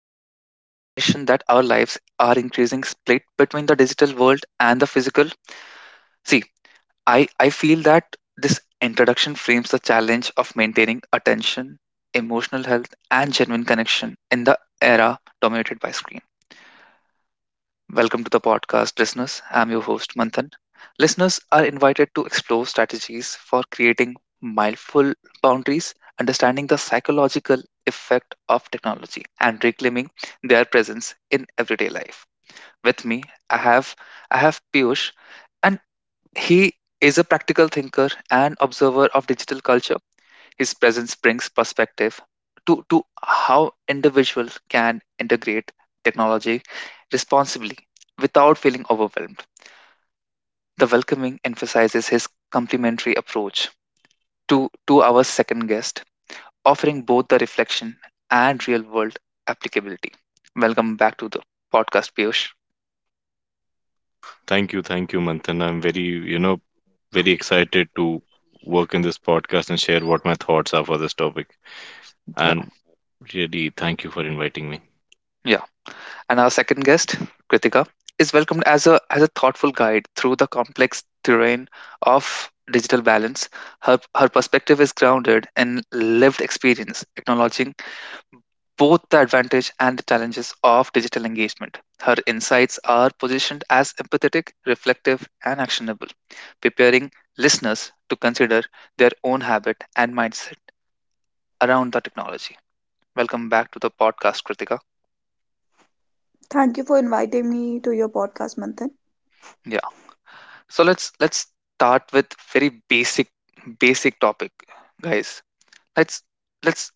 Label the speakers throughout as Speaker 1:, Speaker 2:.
Speaker 1: with a recognition that our lives are increasing split between the digital world and the physical. See, I feel that this introduction frames the challenge of maintaining attention, emotional health, and genuine connection in the era dominated by screens. Welcome to the podcast, listeners. I'm your host, Manthan. Listeners are invited to explore strategies for creating mindful boundaries, understanding the psychological effect of technology, and reclaiming their presence in everyday life. With me, I have I have Piyush, and he is a practical thinker and observer of digital culture. His presence brings perspective to how individuals can integrate technology responsibly without feeling overwhelmed. The welcoming emphasizes his complementary approach to our second guest, offering both the reflection and real world applicability. Welcome back to the podcast, Piyush.
Speaker 2: Thank you, Manthan. I'm very, you know, very excited to work in this podcast and share what my thoughts are for this topic.
Speaker 1: Yeah.
Speaker 2: And really, thank you for inviting me.
Speaker 1: Yeah. And our second guest, Kritika, is welcomed as a thoughtful guide through the complex terrain of digital balance. Her perspective is grounded in lived experience, acknowledging both the advantage and the challenges of digital engagement. Her insights are positioned as empathetic, reflective, and actionable, preparing listeners to consider their own habit and mindset around the technology. Welcome back to the podcast, Kritika.
Speaker 3: Thank you for inviting me to your podcast, Manthan.
Speaker 1: Yeah. So let's start with very basic topic, guys. let's let's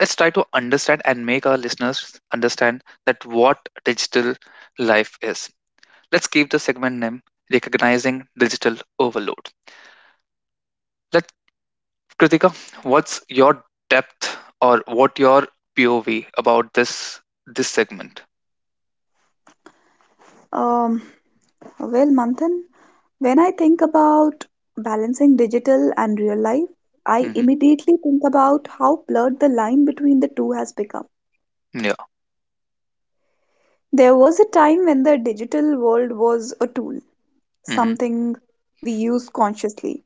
Speaker 1: let's try to understand and make our listeners understand that what digital life is. Let's keep the segment name recognizing digital overload. Let Kritika, what's your depth or what your POV about this segment?
Speaker 3: Um, well, Manthan, when I think about balancing digital and real life, I
Speaker 1: Mm-hmm.
Speaker 3: immediately think about how blurred the line between the two has become.
Speaker 1: Yeah.
Speaker 3: There was a time when the digital world was a tool,
Speaker 1: Mm-hmm.
Speaker 3: something we use consciously.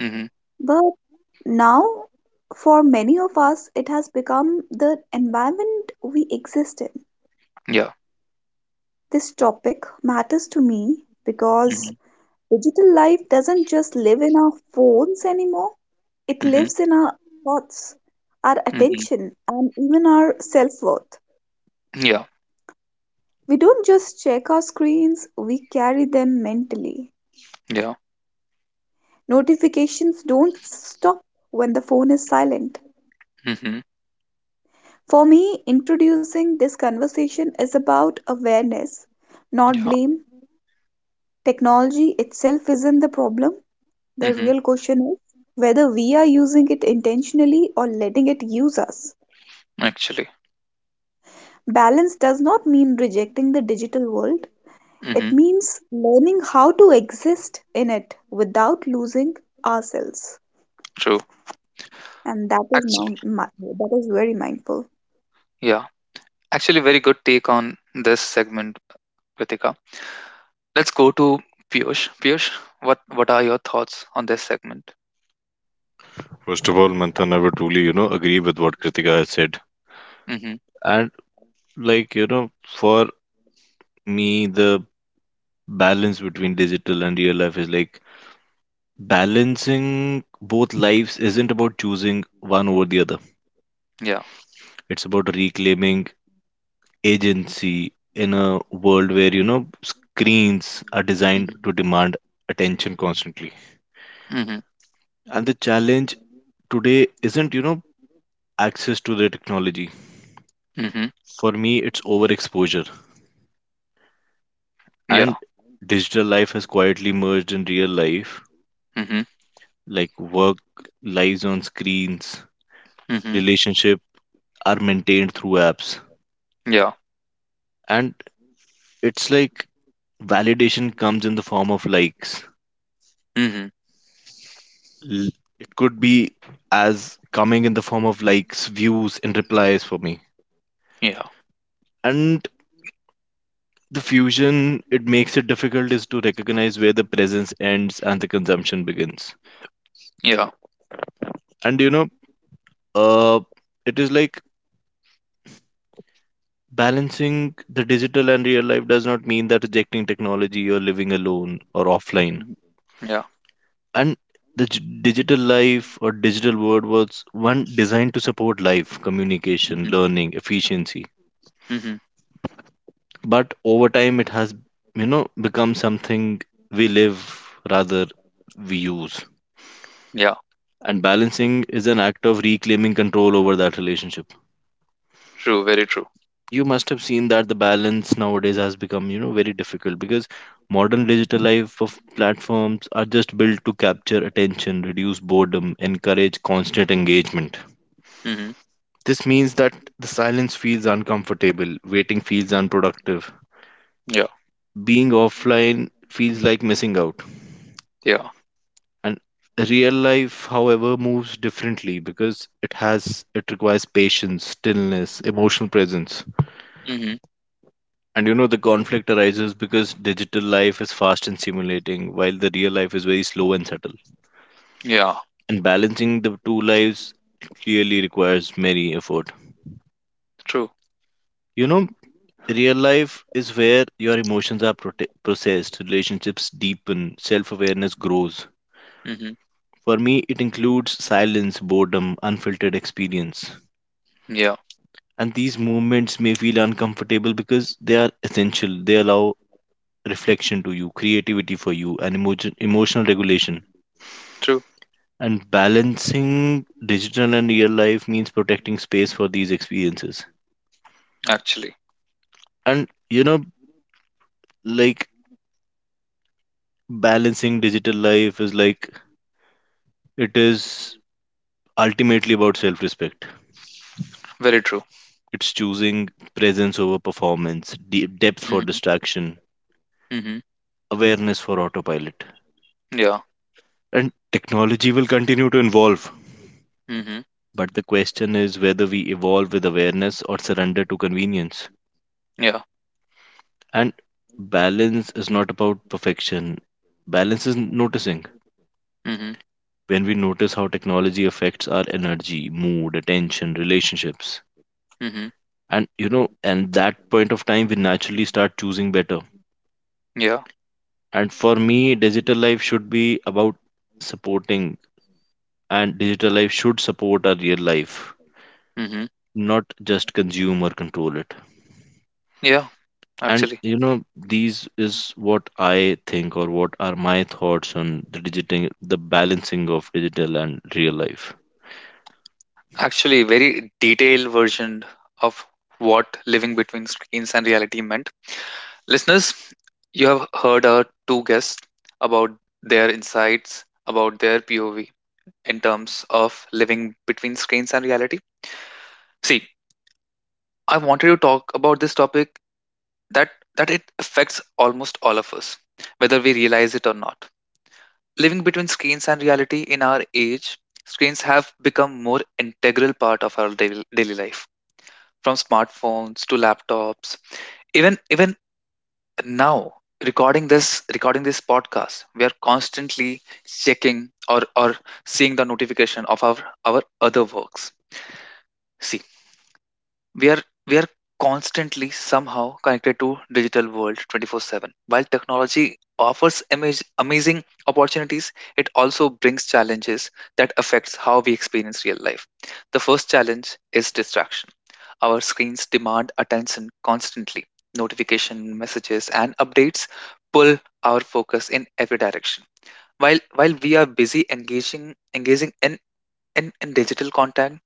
Speaker 1: Mm-hmm.
Speaker 3: But now, for many of us, it has become the environment we exist in.
Speaker 1: Yeah.
Speaker 3: This topic matters to me because
Speaker 1: Mm-hmm.
Speaker 3: digital life doesn't just live in our phones anymore, it
Speaker 1: Mm-hmm.
Speaker 3: lives in our thoughts, our
Speaker 1: Mm-hmm.
Speaker 3: attention, and even our self worth.
Speaker 1: Yeah.
Speaker 3: We don't just check our screens, we carry them mentally.
Speaker 1: Yeah.
Speaker 3: Notifications don't stop when the phone is silent.
Speaker 1: Mm-hmm.
Speaker 3: For me, introducing this conversation is about awareness, not
Speaker 1: Yeah.
Speaker 3: blame. Technology itself isn't the problem. The
Speaker 1: Mm-hmm.
Speaker 3: real question is whether we are using it intentionally or letting it use us.
Speaker 1: Actually.
Speaker 3: Balance does not mean rejecting the digital world,
Speaker 1: Mm-hmm.
Speaker 3: it means learning how to exist in it without losing ourselves.
Speaker 1: True.
Speaker 3: And that is
Speaker 1: Actually,
Speaker 3: now that is very mindful.
Speaker 1: yeah. Actually, very good take on this segment, Ritika. Let's go to Piyush. Piyush, what are your thoughts on this segment?
Speaker 2: First of all, Manthan, I would truly agree with what Kritika has said.
Speaker 1: Mm-hmm.
Speaker 2: And like for me, the balance between digital and real life is like balancing both lives isn't about choosing one over the other.
Speaker 1: Yeah.
Speaker 2: It's about reclaiming agency in a world where screens are designed to
Speaker 1: Mm-hmm.
Speaker 2: demand attention constantly,
Speaker 1: Mm-hmm.
Speaker 2: and the challenge today isn't access to the technology.
Speaker 1: Mm-hmm.
Speaker 2: For me, it's overexposure, and
Speaker 1: Yeah.
Speaker 2: digital life has quietly merged in real life.
Speaker 1: Mm-hmm.
Speaker 2: Like work lives on screens,
Speaker 1: Mm-hmm.
Speaker 2: relationship are maintained through apps,
Speaker 1: Yeah.
Speaker 2: and it's like validation comes in the form of likes.
Speaker 1: Mm-hmm.
Speaker 2: L- It could be as coming in the form of likes, views, and replies for me.
Speaker 1: Yeah.
Speaker 2: And the fusion, it makes it difficult is to recognize where the presence ends and the consumption begins.
Speaker 1: Yeah.
Speaker 2: And uh, it is like balancing the digital and real life does not mean that rejecting technology or living alone or offline.
Speaker 1: Yeah.
Speaker 2: And the digital life or digital world was one designed to support life, communication,
Speaker 1: Mm-hmm.
Speaker 2: learning, efficiency,
Speaker 1: Mm-hmm.
Speaker 2: but over time it has become something we live, rather we use.
Speaker 1: Yeah.
Speaker 2: And balancing is an act of reclaiming control over that relationship.
Speaker 1: True. Very true.
Speaker 2: You must have seen that the balance nowadays has become very difficult because modern digital life of platforms are just built to capture attention, reduce boredom, encourage constant engagement.
Speaker 1: Mm-hmm.
Speaker 2: This means that the silence feels uncomfortable, waiting feels unproductive,
Speaker 1: Yeah.
Speaker 2: being offline feels like missing out.
Speaker 1: Yeah.
Speaker 2: And real life, however, moves differently because it requires patience, stillness, emotional presence.
Speaker 1: Mm-hmm.
Speaker 2: And the conflict arises because digital life is fast and stimulating, while the real life is very slow and subtle.
Speaker 1: Yeah.
Speaker 2: And balancing the two lives clearly requires many effort.
Speaker 1: True.
Speaker 2: You know real life is where your emotions are processed, relationships deepen, self-awareness grows.
Speaker 1: Mm-hmm.
Speaker 2: For me, it includes silence, boredom, unfiltered experience.
Speaker 1: Yeah.
Speaker 2: And these movements may feel uncomfortable because they are essential. They allow reflection to you, creativity for you, and emotional regulation.
Speaker 1: True.
Speaker 2: And balancing digital and real life means protecting space for these experiences.
Speaker 1: Actually,
Speaker 2: And like balancing digital life is like it is ultimately about self respect.
Speaker 1: very true.
Speaker 2: It's choosing presence over performance, depth for
Speaker 1: Mm-hmm.
Speaker 2: distraction,
Speaker 1: Mm-hmm.
Speaker 2: awareness for autopilot.
Speaker 1: Yeah.
Speaker 2: And technology will continue to evolve.
Speaker 1: Mm-hmm.
Speaker 2: But the question is whether we evolve with awareness or surrender to convenience.
Speaker 1: Yeah.
Speaker 2: And balance is not about perfection, balance is noticing.
Speaker 1: Mm-hmm.
Speaker 2: When we notice how technology affects our energy, mood, attention, relationships.
Speaker 1: Mm-hmm.
Speaker 2: And that point of time, we naturally start choosing better.
Speaker 1: Yeah.
Speaker 2: And for me, digital life should be about supporting, and digital life should support our real life,
Speaker 1: Hmm.
Speaker 2: not just consume or control it.
Speaker 1: Yeah,
Speaker 2: And
Speaker 1: actually,
Speaker 2: these is what I think or what are my thoughts on the balancing of digital and real life.
Speaker 1: very detailed version of what living between screens and reality meant. Listeners, you have heard our two guests about their insights, about their POV in terms of living between screens and reality. See, I wanted to talk about this topic that that it affects almost all of us, whether we realize it or not. Living between screens and reality in our age, screens have become more integral part of our daily life, from smartphones to laptops, even now, recording this podcast, we are constantly checking or seeing the notification of our other works. See, we are we are constantly somehow connected to digital world 24/7 while technology offers amazing opportunities. It also brings challenges that affects how we experience real life. The first challenge is distraction. Our screens demand attention constantly. Notification messages and updates pull our focus in every direction. While we are busy engaging in digital content,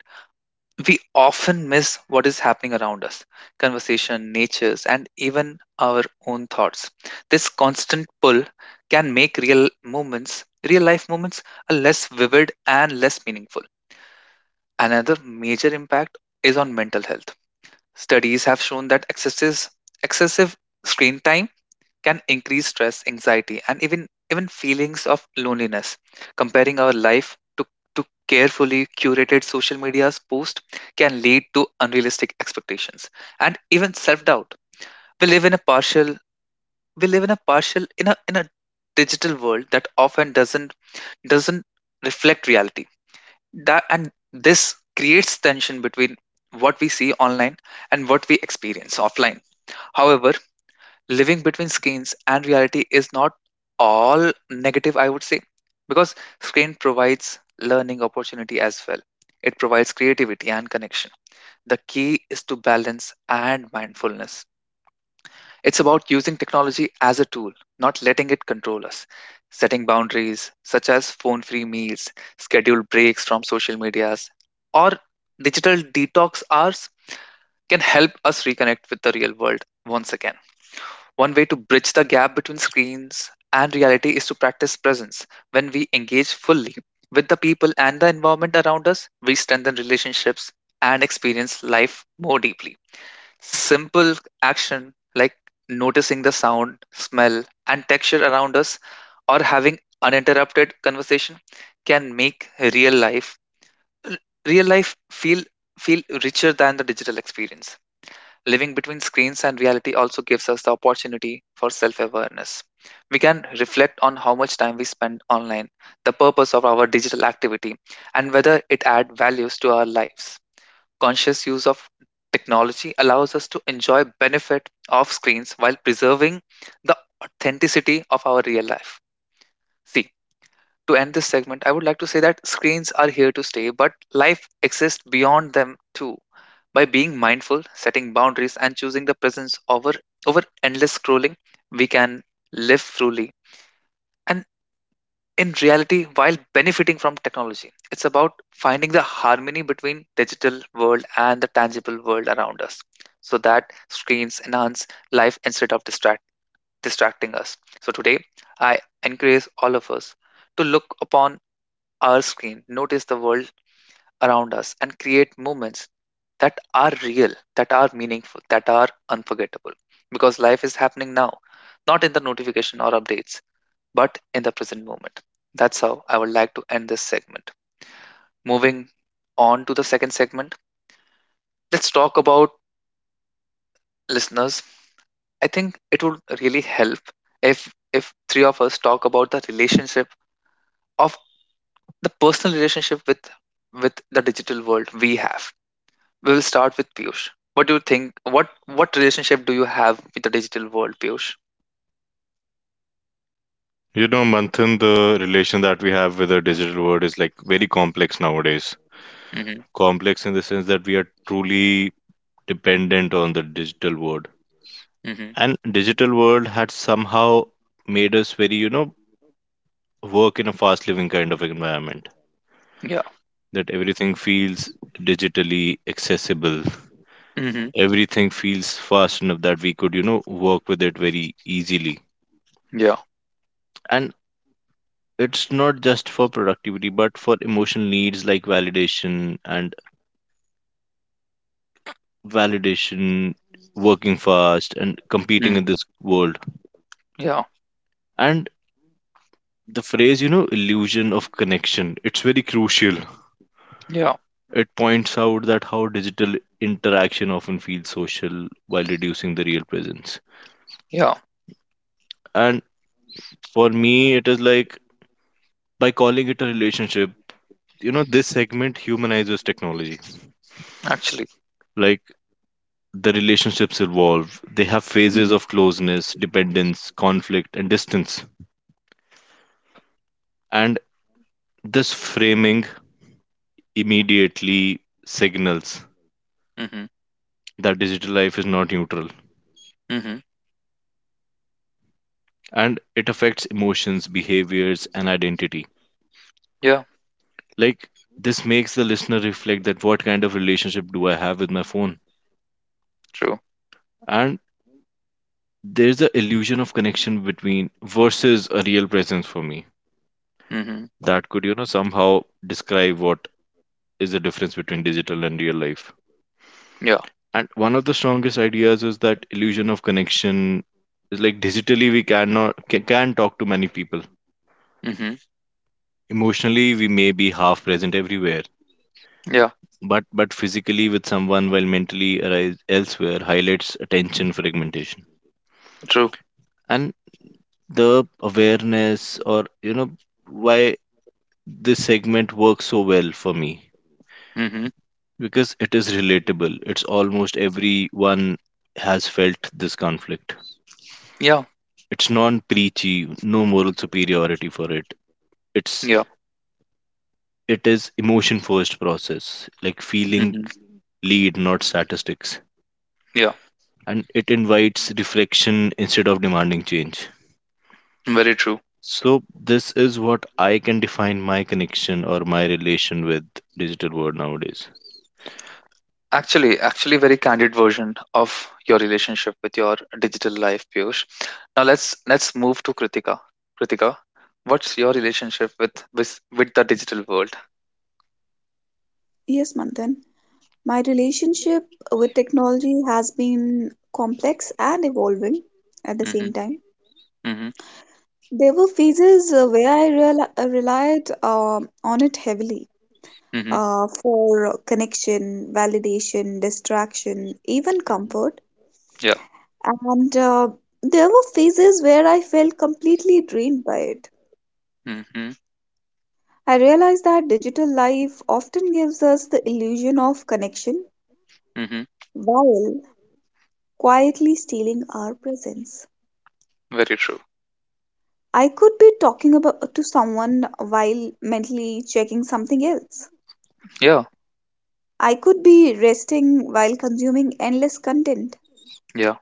Speaker 1: we often miss what is happening around us, conversation natures and even our own thoughts. This constant pull can make real life moments a less vivid and less meaningful. Another major impact is on mental health. Studies have shown that excessive screen time can increase stress, anxiety, and even feelings of loneliness. Comparing our life to carefully curated social media's post can lead to unrealistic expectations and even self-doubt. We live in a partial we live in a partial in a digital world that often doesn't reflect reality. That, and this creates tension between what we see online and what we experience offline. However, living between screens and reality is not all negative, I would say, because screen provides learning opportunity as well. It provides creativity and connection. The key is to balance and mindfulness. It's about using technology as a tool, not letting it control us. Setting boundaries such as phone free meals, scheduled breaks from social medias, or digital detox hours can help us reconnect with the real world once again. One way to bridge the gap between screens and reality is to practice presence. When we engage fully with the people and the environment around us, we strengthen relationships and experience life more deeply. Simple action like noticing the sound, smell, and texture around us, or having uninterrupted conversation, can make real life real life feel richer than the digital experience. Living between screens and reality also gives us the opportunity for self awareness. We can reflect on how much time we spend online, the purpose of our digital activity, and whether it adds values to our lives. Conscious use of technology allows us to enjoy benefit of screens while preserving the authenticity of our real life. See, to end this segment, I would like to say that screens are here to stay, but life exists beyond them too. By being mindful, setting boundaries, and choosing the presence over endless scrolling, we can live fully. And in reality, while benefiting from technology, it's about finding the harmony between digital world and the tangible world around us, so that screens enhance life instead of distracting us. So today, I encourage all of us to look upon our screen, notice the world around us, and create moments that are real, that are meaningful, that are unforgettable. Because life is happening now, not in the notification or updates, but in the present moment. That's how I would like to end this segment. Moving on to the second segment, let's talk about, listeners. I think it would really help if three of us talk about the relationship of the personal relationship with the digital world we have. We will start with Piyush. What do you think? What relationship do you have with the digital world, Piyush?
Speaker 2: Manthan, the relation that we have with the digital world is like very complex nowadays.
Speaker 1: Mm-hmm.
Speaker 2: Complex in the sense that we are truly dependent on the digital world.
Speaker 1: Mm-hmm.
Speaker 2: And digital world had somehow made us very work in a fast living kind of environment.
Speaker 1: Yeah.
Speaker 2: That everything feels digitally accessible.
Speaker 1: Mm-hmm.
Speaker 2: Everything feels fast enough that we could work with it very easily.
Speaker 1: Yeah.
Speaker 2: And it's not just for productivity, but for emotional needs like validation, working fast, and competing
Speaker 1: Mm.
Speaker 2: in this world.
Speaker 1: Yeah.
Speaker 2: And the phrase illusion of connection, it's very crucial.
Speaker 1: Yeah.
Speaker 2: It points out that how digital interaction often feels social while reducing the real presence.
Speaker 1: Yeah.
Speaker 2: And for me, it is like by calling it a relationship this segment humanizes technology.
Speaker 1: Actually.
Speaker 2: Like the relationships evolve, they have phases of
Speaker 1: Mm-hmm.
Speaker 2: closeness, dependence, conflict, and distance.
Speaker 1: Yeah.
Speaker 2: And this framing immediately signals
Speaker 1: Mm-hmm.
Speaker 2: that digital life is not neutral,
Speaker 1: Mm-hmm.
Speaker 2: and it affects emotions, behaviors, and identity.
Speaker 1: Yeah.
Speaker 2: Like, this makes the listener reflect that what kind of relationship do I have with my phone?
Speaker 1: True.
Speaker 2: And there's the illusion of connection between versus a real presence for me
Speaker 1: Mm-hmm.
Speaker 2: that could somehow describe what is the difference between digital and real life.
Speaker 1: Yeah.
Speaker 2: And one of the strongest ideas is that illusion of connection is like digitally we cannot can talk to many people.
Speaker 1: Mm-hmm.
Speaker 2: Emotionally, we may be half present everywhere,
Speaker 1: Yeah.
Speaker 2: but physically with someone while mentally arise elsewhere highlights attention fragmentation.
Speaker 1: True.
Speaker 2: And the awareness, or why this segment works so well for me
Speaker 1: Mm-hmm.
Speaker 2: because it is relatable. It's almost everyone has felt this conflict.
Speaker 1: Yeah.
Speaker 2: It's non-preachy, no moral superiority for it. It's
Speaker 1: Yeah.
Speaker 2: it is emotion first process, like feeling
Speaker 1: Mm-hmm.
Speaker 2: lead, not statistics.
Speaker 1: Yeah.
Speaker 2: And it invites reflection instead of demanding change.
Speaker 1: Very true.
Speaker 2: So, this is what I can define my connection or my relation with digital world nowadays.
Speaker 1: Actually, very candid version of your relationship with your digital life, Piyush. Now let's move to Kritika. Kritika, what's your relationship with the digital world?
Speaker 3: Yes, Manthan. My relationship with technology has been complex and evolving at the
Speaker 1: Mm-hmm,
Speaker 3: same time.
Speaker 1: mm-hmm,
Speaker 3: There were phases where I relied on it heavily
Speaker 1: mm-hmm,
Speaker 3: for connection, validation, distraction, even
Speaker 1: hmm.
Speaker 3: comfort.
Speaker 1: Yeah.
Speaker 3: And there were phases where I felt completely drained by it.
Speaker 1: Mm-hmm,
Speaker 3: I realized that digital life often gives us the illusion of connection
Speaker 1: mm-hmm.
Speaker 3: while quietly stealing our presence.
Speaker 1: Very true.
Speaker 3: I could be talking about to someone while mentally checking something else.
Speaker 1: Yeah.
Speaker 3: I could be resting while consuming endless content.
Speaker 1: Yeah.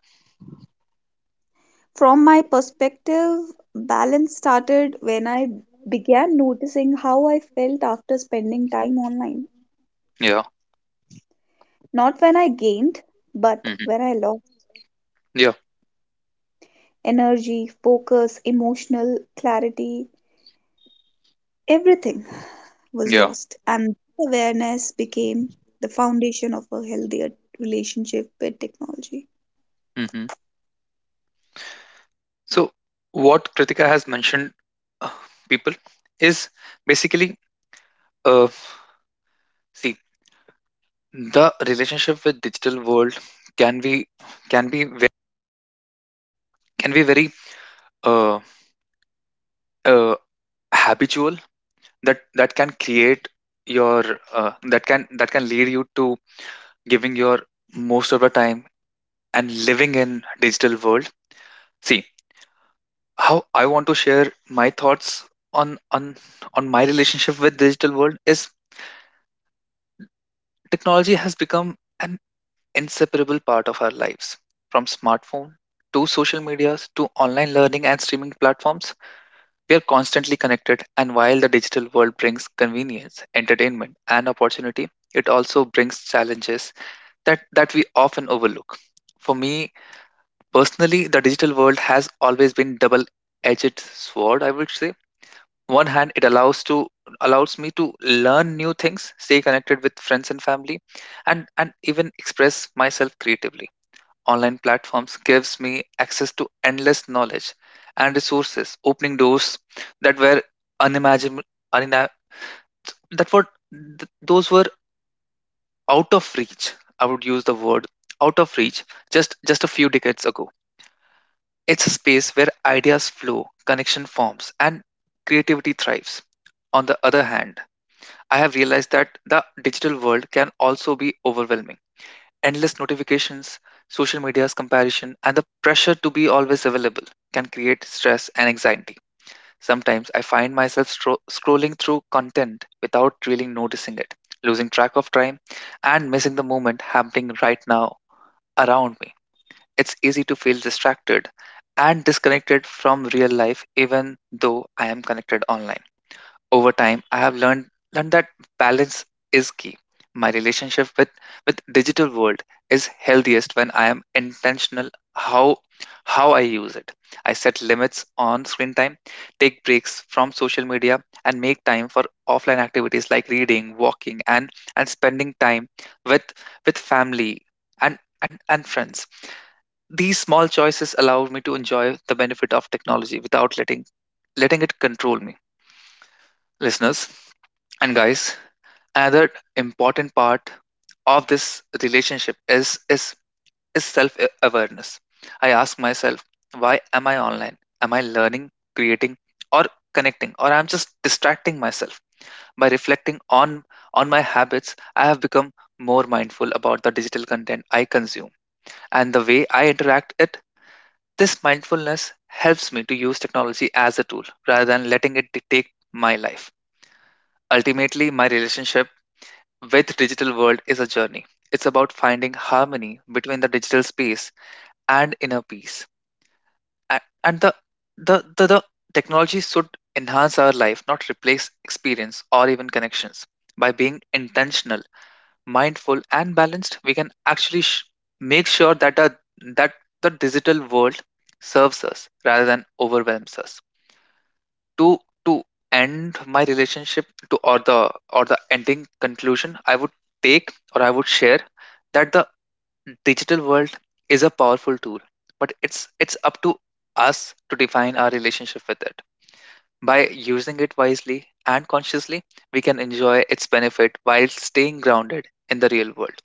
Speaker 3: From my perspective, balance started when I began noticing how I felt after spending time online.
Speaker 1: Yeah.
Speaker 3: Not when I gained, but
Speaker 1: Mm-hmm.
Speaker 3: when I lost.
Speaker 1: Yeah.
Speaker 3: Energy, focus, emotional clarity, everything was
Speaker 1: Yeah.
Speaker 3: lost. And awareness became the foundation of a healthier relationship with technology.
Speaker 1: Mm-hmm. So what Kritika has mentioned, uh, people, is basically, uh, see, the relationship with digital world can be can be can be very, uh, uh, habitual, that can create your, that can lead you to giving your most of the time and living in digital world. See, how I want to share my thoughts on on on my relationship with digital world is, technology has become an inseparable part of our lives, from smartphone to social medias to online learning and streaming platforms. We are constantly connected, and while the digital world brings convenience, entertainment, and opportunity, it also brings challenges that we often overlook. For me personally, the digital world has always been double edged sword, I would say. One hand, it allows me to learn new things, stay connected with friends and family, and even express myself creatively. Online platforms gives me access to endless knowledge and resources, opening doors that were unimaginable, unima- that were th- those were out of reach. I would use the word out of reach just a few decades ago. It's a space where ideas flow, connection forms, and creativity thrives. On the other hand, I have realized that the digital world can also be overwhelming. Endless notifications, social media's comparison, and the pressure to be always available can create stress and anxiety. Sometimes I find myself scrolling through content without really noticing it, losing track of time, and missing the moment happening right now around me. It's easy to feel distracted and disconnected from real life even though I am connected online. Over time, I have learned that balance is key. My relationship with digital world is healthiest when I am intentional, how how I use it. I set limits on screen time, take breaks from social media, and make time for offline activities like reading, walking, and spending time with with family, and friends. These small choices allow me to enjoy the benefit of technology without letting it control me. Listeners and guys, another important part of this relationship is self awareness. I ask myself, why am I online? Am I learning, creating, or connecting, or I'm just distracting myself? By reflecting on my habits, I have become more mindful about the digital content I consume and the way I interact it. This mindfulness helps me to use technology as a tool rather than letting it dictate my life. Ultimately, my relationship with digital world is a journey. It's about finding harmony between the digital space and inner peace, and the technology should enhance our life, not replace experience or even connections. By being intentional, mindful and balanced, we can actually make sure that the digital world serves us rather than overwhelms us. To to end my relationship to or the ending conclusion, I would share that the digital world is a powerful tool, but it's up to us to define our relationship with it. By using it wisely and consciously, we can enjoy its benefit while staying grounded in the real world.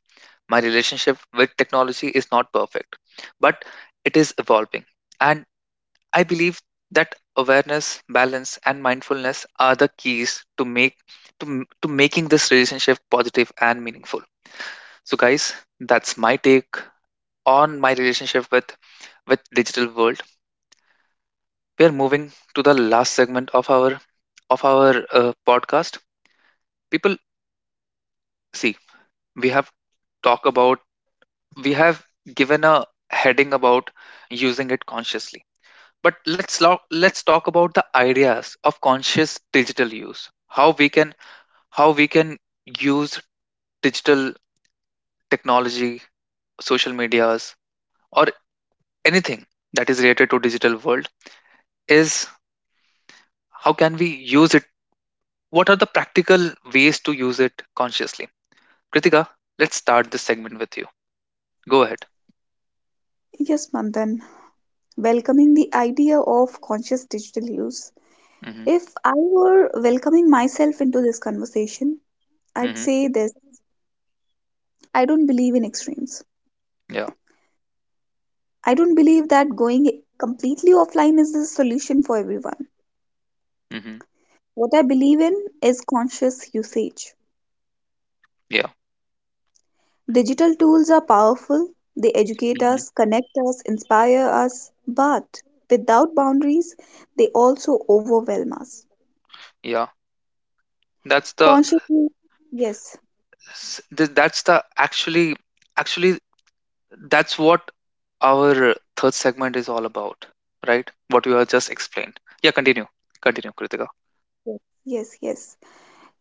Speaker 1: My relationship with technology is not perfect, but it is evolving, and I believe that awareness, balance, and mindfulness are the keys to make to, m- to making this relationship positive and meaningful. So, guys, that's my take on my relationship with digital world. We are moving to the last segment of our podcast. People, see, we have talked about, we have given a heading about using it consciously. But let's talk about the ideas of conscious digital use. How we can, how we can use digital technology, social medias, or anything that is related to digital world, is how can we use it, what are the practical ways to use it consciously. Kritika, let's start this segment with you. Go ahead.
Speaker 3: Yes, Manthan, welcoming the idea of conscious digital use.
Speaker 1: hmm
Speaker 3: If I were welcoming myself into this conversation, I'd
Speaker 1: hmm
Speaker 3: say this: I don't believe in extremes.
Speaker 1: yeah.
Speaker 3: I don't believe that going completely offline is the solution for everyone.
Speaker 1: hmm
Speaker 3: What I believe in is conscious usage.
Speaker 1: yeah.
Speaker 3: Digital tools are powerful, they educate us,
Speaker 1: hmm
Speaker 3: connect us, inspire us, but without boundaries, they also overwhelm us.
Speaker 1: yeah. that's the
Speaker 3: Consciously, yes,
Speaker 1: that's the actually actually that's what our third segment is all about, right? What you have just explained. Yeah, continue. Continue, Kritika.
Speaker 3: yes, yes.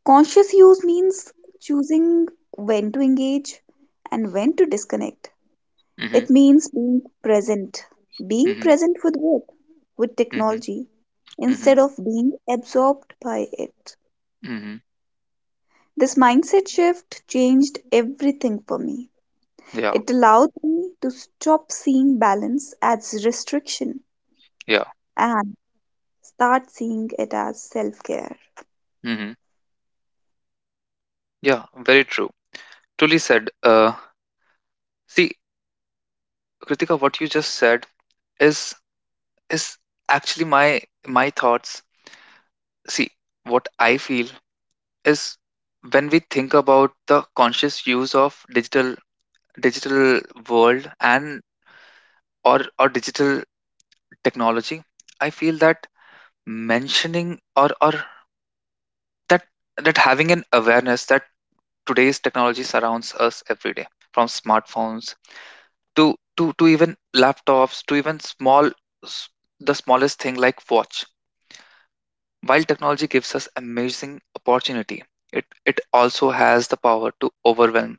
Speaker 3: Conscious use means choosing when to engage and when to disconnect.
Speaker 1: Mm-hmm.
Speaker 3: It means being
Speaker 1: Mhm,
Speaker 3: present with work, with
Speaker 1: mhm,
Speaker 3: technology,
Speaker 1: mhm,
Speaker 3: instead of being absorbed by it.
Speaker 1: mhm.
Speaker 3: This mindset shift changed everything for me.
Speaker 1: Yeah,
Speaker 3: It allowed me to stop seeing balance as restriction
Speaker 1: yeah,
Speaker 3: and start seeing it as self care.
Speaker 1: mhm. Yeah, very true. Truly said. See, Kritika, what you just said is is actually my thoughts. See, what I feel is, when we think about the conscious use of digital world, and or digital technology, I feel that mentioning or that that having an awareness that today's technology surrounds us every day, from smartphones to even laptops, to even small s- the smallest thing like watch. While technology gives us amazing opportunity, it it also has the power to overwhelm,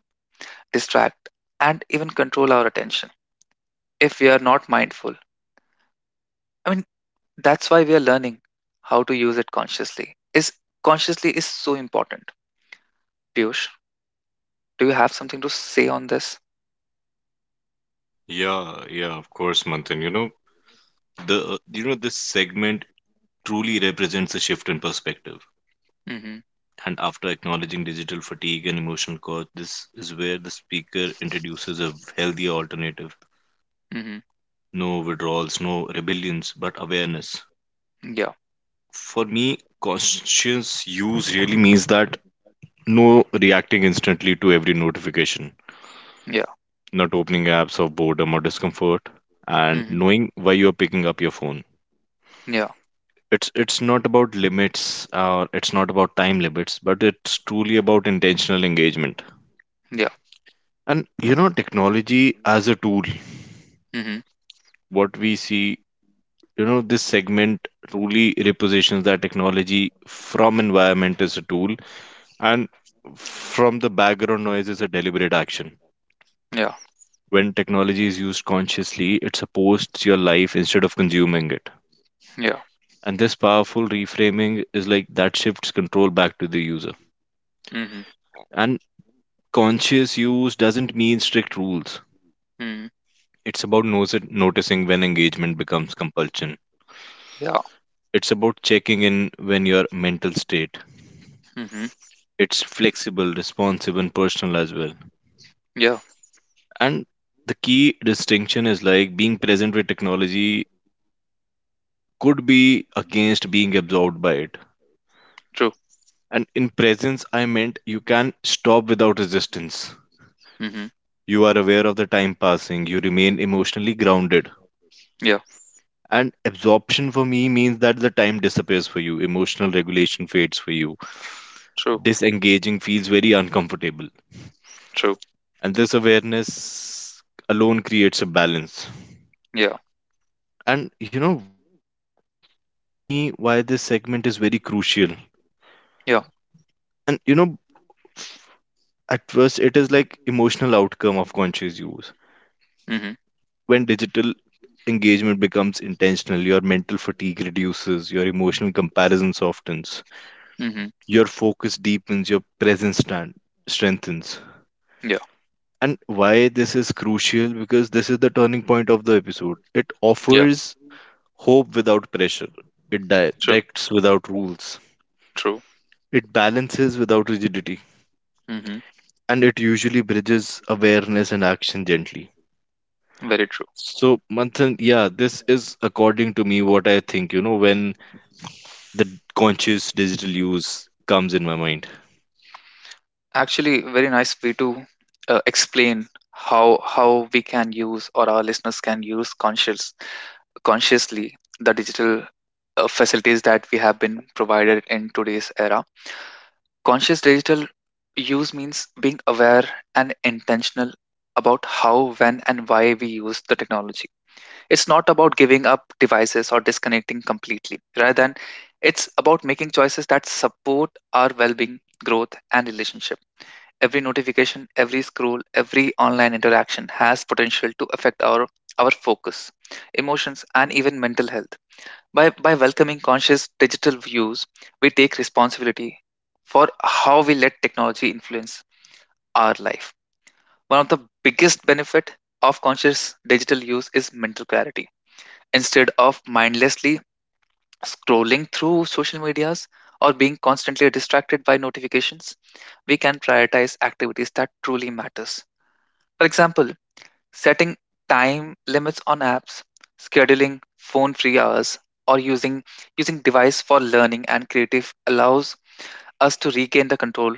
Speaker 1: distract, and even control our attention if we are not mindful. I mean, that's why we are learning how to use it consciously. Is Consciously is so important. Piyush, do you have something to say on this?
Speaker 2: Yeah, yeah, of course, Manthan. You know, the you know this segment truly represents a shift in perspective.
Speaker 1: Mm-hmm,
Speaker 2: And after acknowledging digital fatigue and emotional cost, this is where the speaker introduces a healthier alternative.
Speaker 1: mm-hmm.
Speaker 2: No withdrawals, no rebellions, but awareness.
Speaker 1: Yeah.
Speaker 2: For me, conscious use really means that no reacting instantly to every notification,
Speaker 1: Yeah.
Speaker 2: not opening apps of boredom or discomfort, and
Speaker 1: Mm-hmm,
Speaker 2: knowing why you are picking up your phone.
Speaker 1: yeah.
Speaker 2: It's not about limits or it's not about time limits, but it's truly about intentional engagement.
Speaker 1: Yeah.
Speaker 2: And technology as a tool,
Speaker 1: Mhm.
Speaker 2: what we see this segment truly repositions that technology from environment as a tool and from the background noise is a deliberate action.
Speaker 1: Yeah.
Speaker 2: When technology is used consciously, it supports your life instead of consuming it.
Speaker 1: Yeah.
Speaker 2: And this powerful reframing is like that shifts control back to the user.
Speaker 1: Mhm.
Speaker 2: And conscious use doesn't mean strict rules.
Speaker 1: Mhm.
Speaker 2: It's about noticing when engagement becomes compulsion.
Speaker 1: Yeah.
Speaker 2: It's about checking in when your mental state.
Speaker 1: Mhm.
Speaker 2: It's flexible, responsive, and personal as well.
Speaker 1: Yeah.
Speaker 2: And the key distinction is like being present with technology could be against being absorbed by it.
Speaker 1: True.
Speaker 2: And in presence, I meant you can stop without resistance.
Speaker 1: Mhm.
Speaker 2: You are aware of the time passing, you remain emotionally grounded.
Speaker 1: Yeah.
Speaker 2: And absorption for me means that the time disappears for you, emotional regulation fades for you.
Speaker 1: True.
Speaker 2: Disengaging feels very uncomfortable.
Speaker 1: True.
Speaker 2: And this awareness alone creates a balance.
Speaker 1: Yeah.
Speaker 2: And for me, why this segment is very crucial.
Speaker 1: Yeah.
Speaker 2: And at first, it is like emotional outcome of conscious use.
Speaker 1: Mhm.
Speaker 2: When digital engagement becomes intentional, your mental fatigue reduces, your emotional comparison softens,
Speaker 1: Mhm.
Speaker 2: your focus deepens, your presence strengthens.
Speaker 1: Yeah.
Speaker 2: And why this is crucial? Because this is the turning point of the episode. It
Speaker 1: Yeah,
Speaker 2: offers hope without pressure, it
Speaker 1: true,
Speaker 2: directs without rules,
Speaker 1: true.
Speaker 2: it balances without rigidity,
Speaker 1: hmm
Speaker 2: and it usually bridges awareness and action gently.
Speaker 1: Very true.
Speaker 2: So, Manthan, yeah, this is according to me what I think. When the conscious digital use comes in my mind.
Speaker 1: Actually, very nice way to explain how we can use, or our listeners can use, consciously the digital facilities that we have been provided in today's era. Conscious digital use means being aware and intentional about how, when, and why we use the technology. It's not about giving up devices or disconnecting completely. Rather than, it's about making choices that support our well being, growth, and relationship. Every notification, every scroll, every online interaction has potential to affect our focus, emotions, and even mental health. By welcoming conscious digital views, we take responsibility for how we let technology influence our life. One of the biggest benefit of conscious digital use is mental clarity. Instead of mindlessly scrolling through social medias or being constantly distracted by notifications, we can prioritize activities that truly matters. For example, setting time limits on apps, scheduling phone-free hours, or using device for learning and creative allows us to regain the control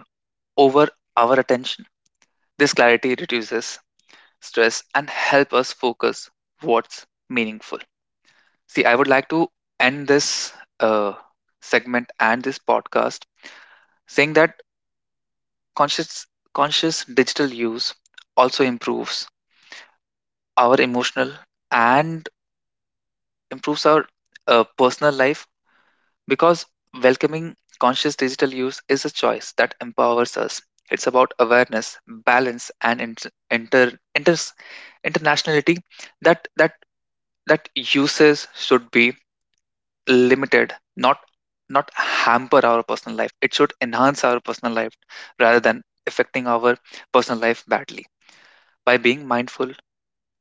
Speaker 1: over our attention. This clarity reduces stress and help us focus what's meaningful. See, I would like to end this uh, segment and this podcast saying that conscious conscious digital use also improves our emotional, and improves our personal life, because welcoming conscious digital use is a choice that empowers us. It's about awareness, balance, and inters internationality, that that that uses should be limited, not not hamper our personal life. It should enhance our personal life rather than affecting our personal life badly. By being mindful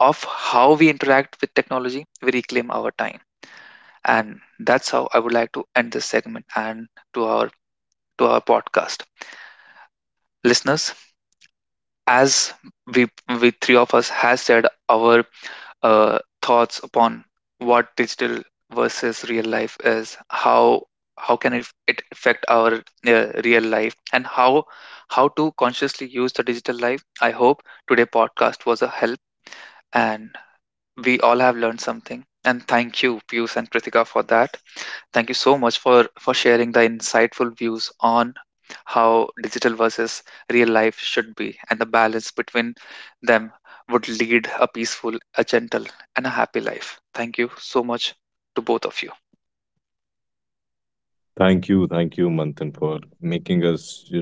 Speaker 1: of how we interact with technology, we reclaim our time. And that's how I would like to end this segment and to our to our podcast. Listeners, as we we three of us has said our thoughts upon what digital versus real life is, how can it affect our real life, and how to consciously use the digital life. I hope today podcast was a help, and we all have learned something. And thank you, Pius and Kritika, for that. Thank you so much for sharing the insightful views on how digital versus real life should be, and the balance between them would lead a peaceful, a gentle and a happy life. Thank you so much to both of you.
Speaker 2: Thank you, Manthan, for making us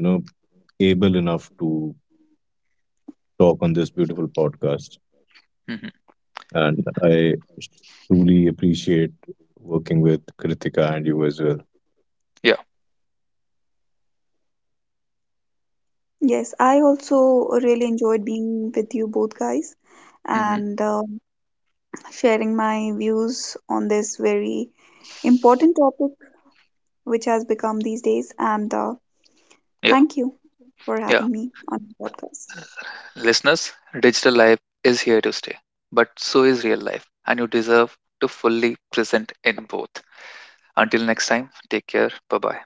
Speaker 2: able enough to talk on this beautiful podcast.
Speaker 1: hmm
Speaker 2: And I truly appreciate working with Kritika and you as well.
Speaker 1: Yeah.
Speaker 3: Yes, I also really enjoyed being with you both guys
Speaker 1: hmm
Speaker 3: and sharing my views on this very important topic which has become these days. And
Speaker 1: Yeah.
Speaker 3: thank you for
Speaker 1: Yeah.
Speaker 3: having me on the podcast.
Speaker 1: Listeners, digital life is here to stay, but so is real life, and you deserve to fully present in both. Until next time, take care. Bye-bye.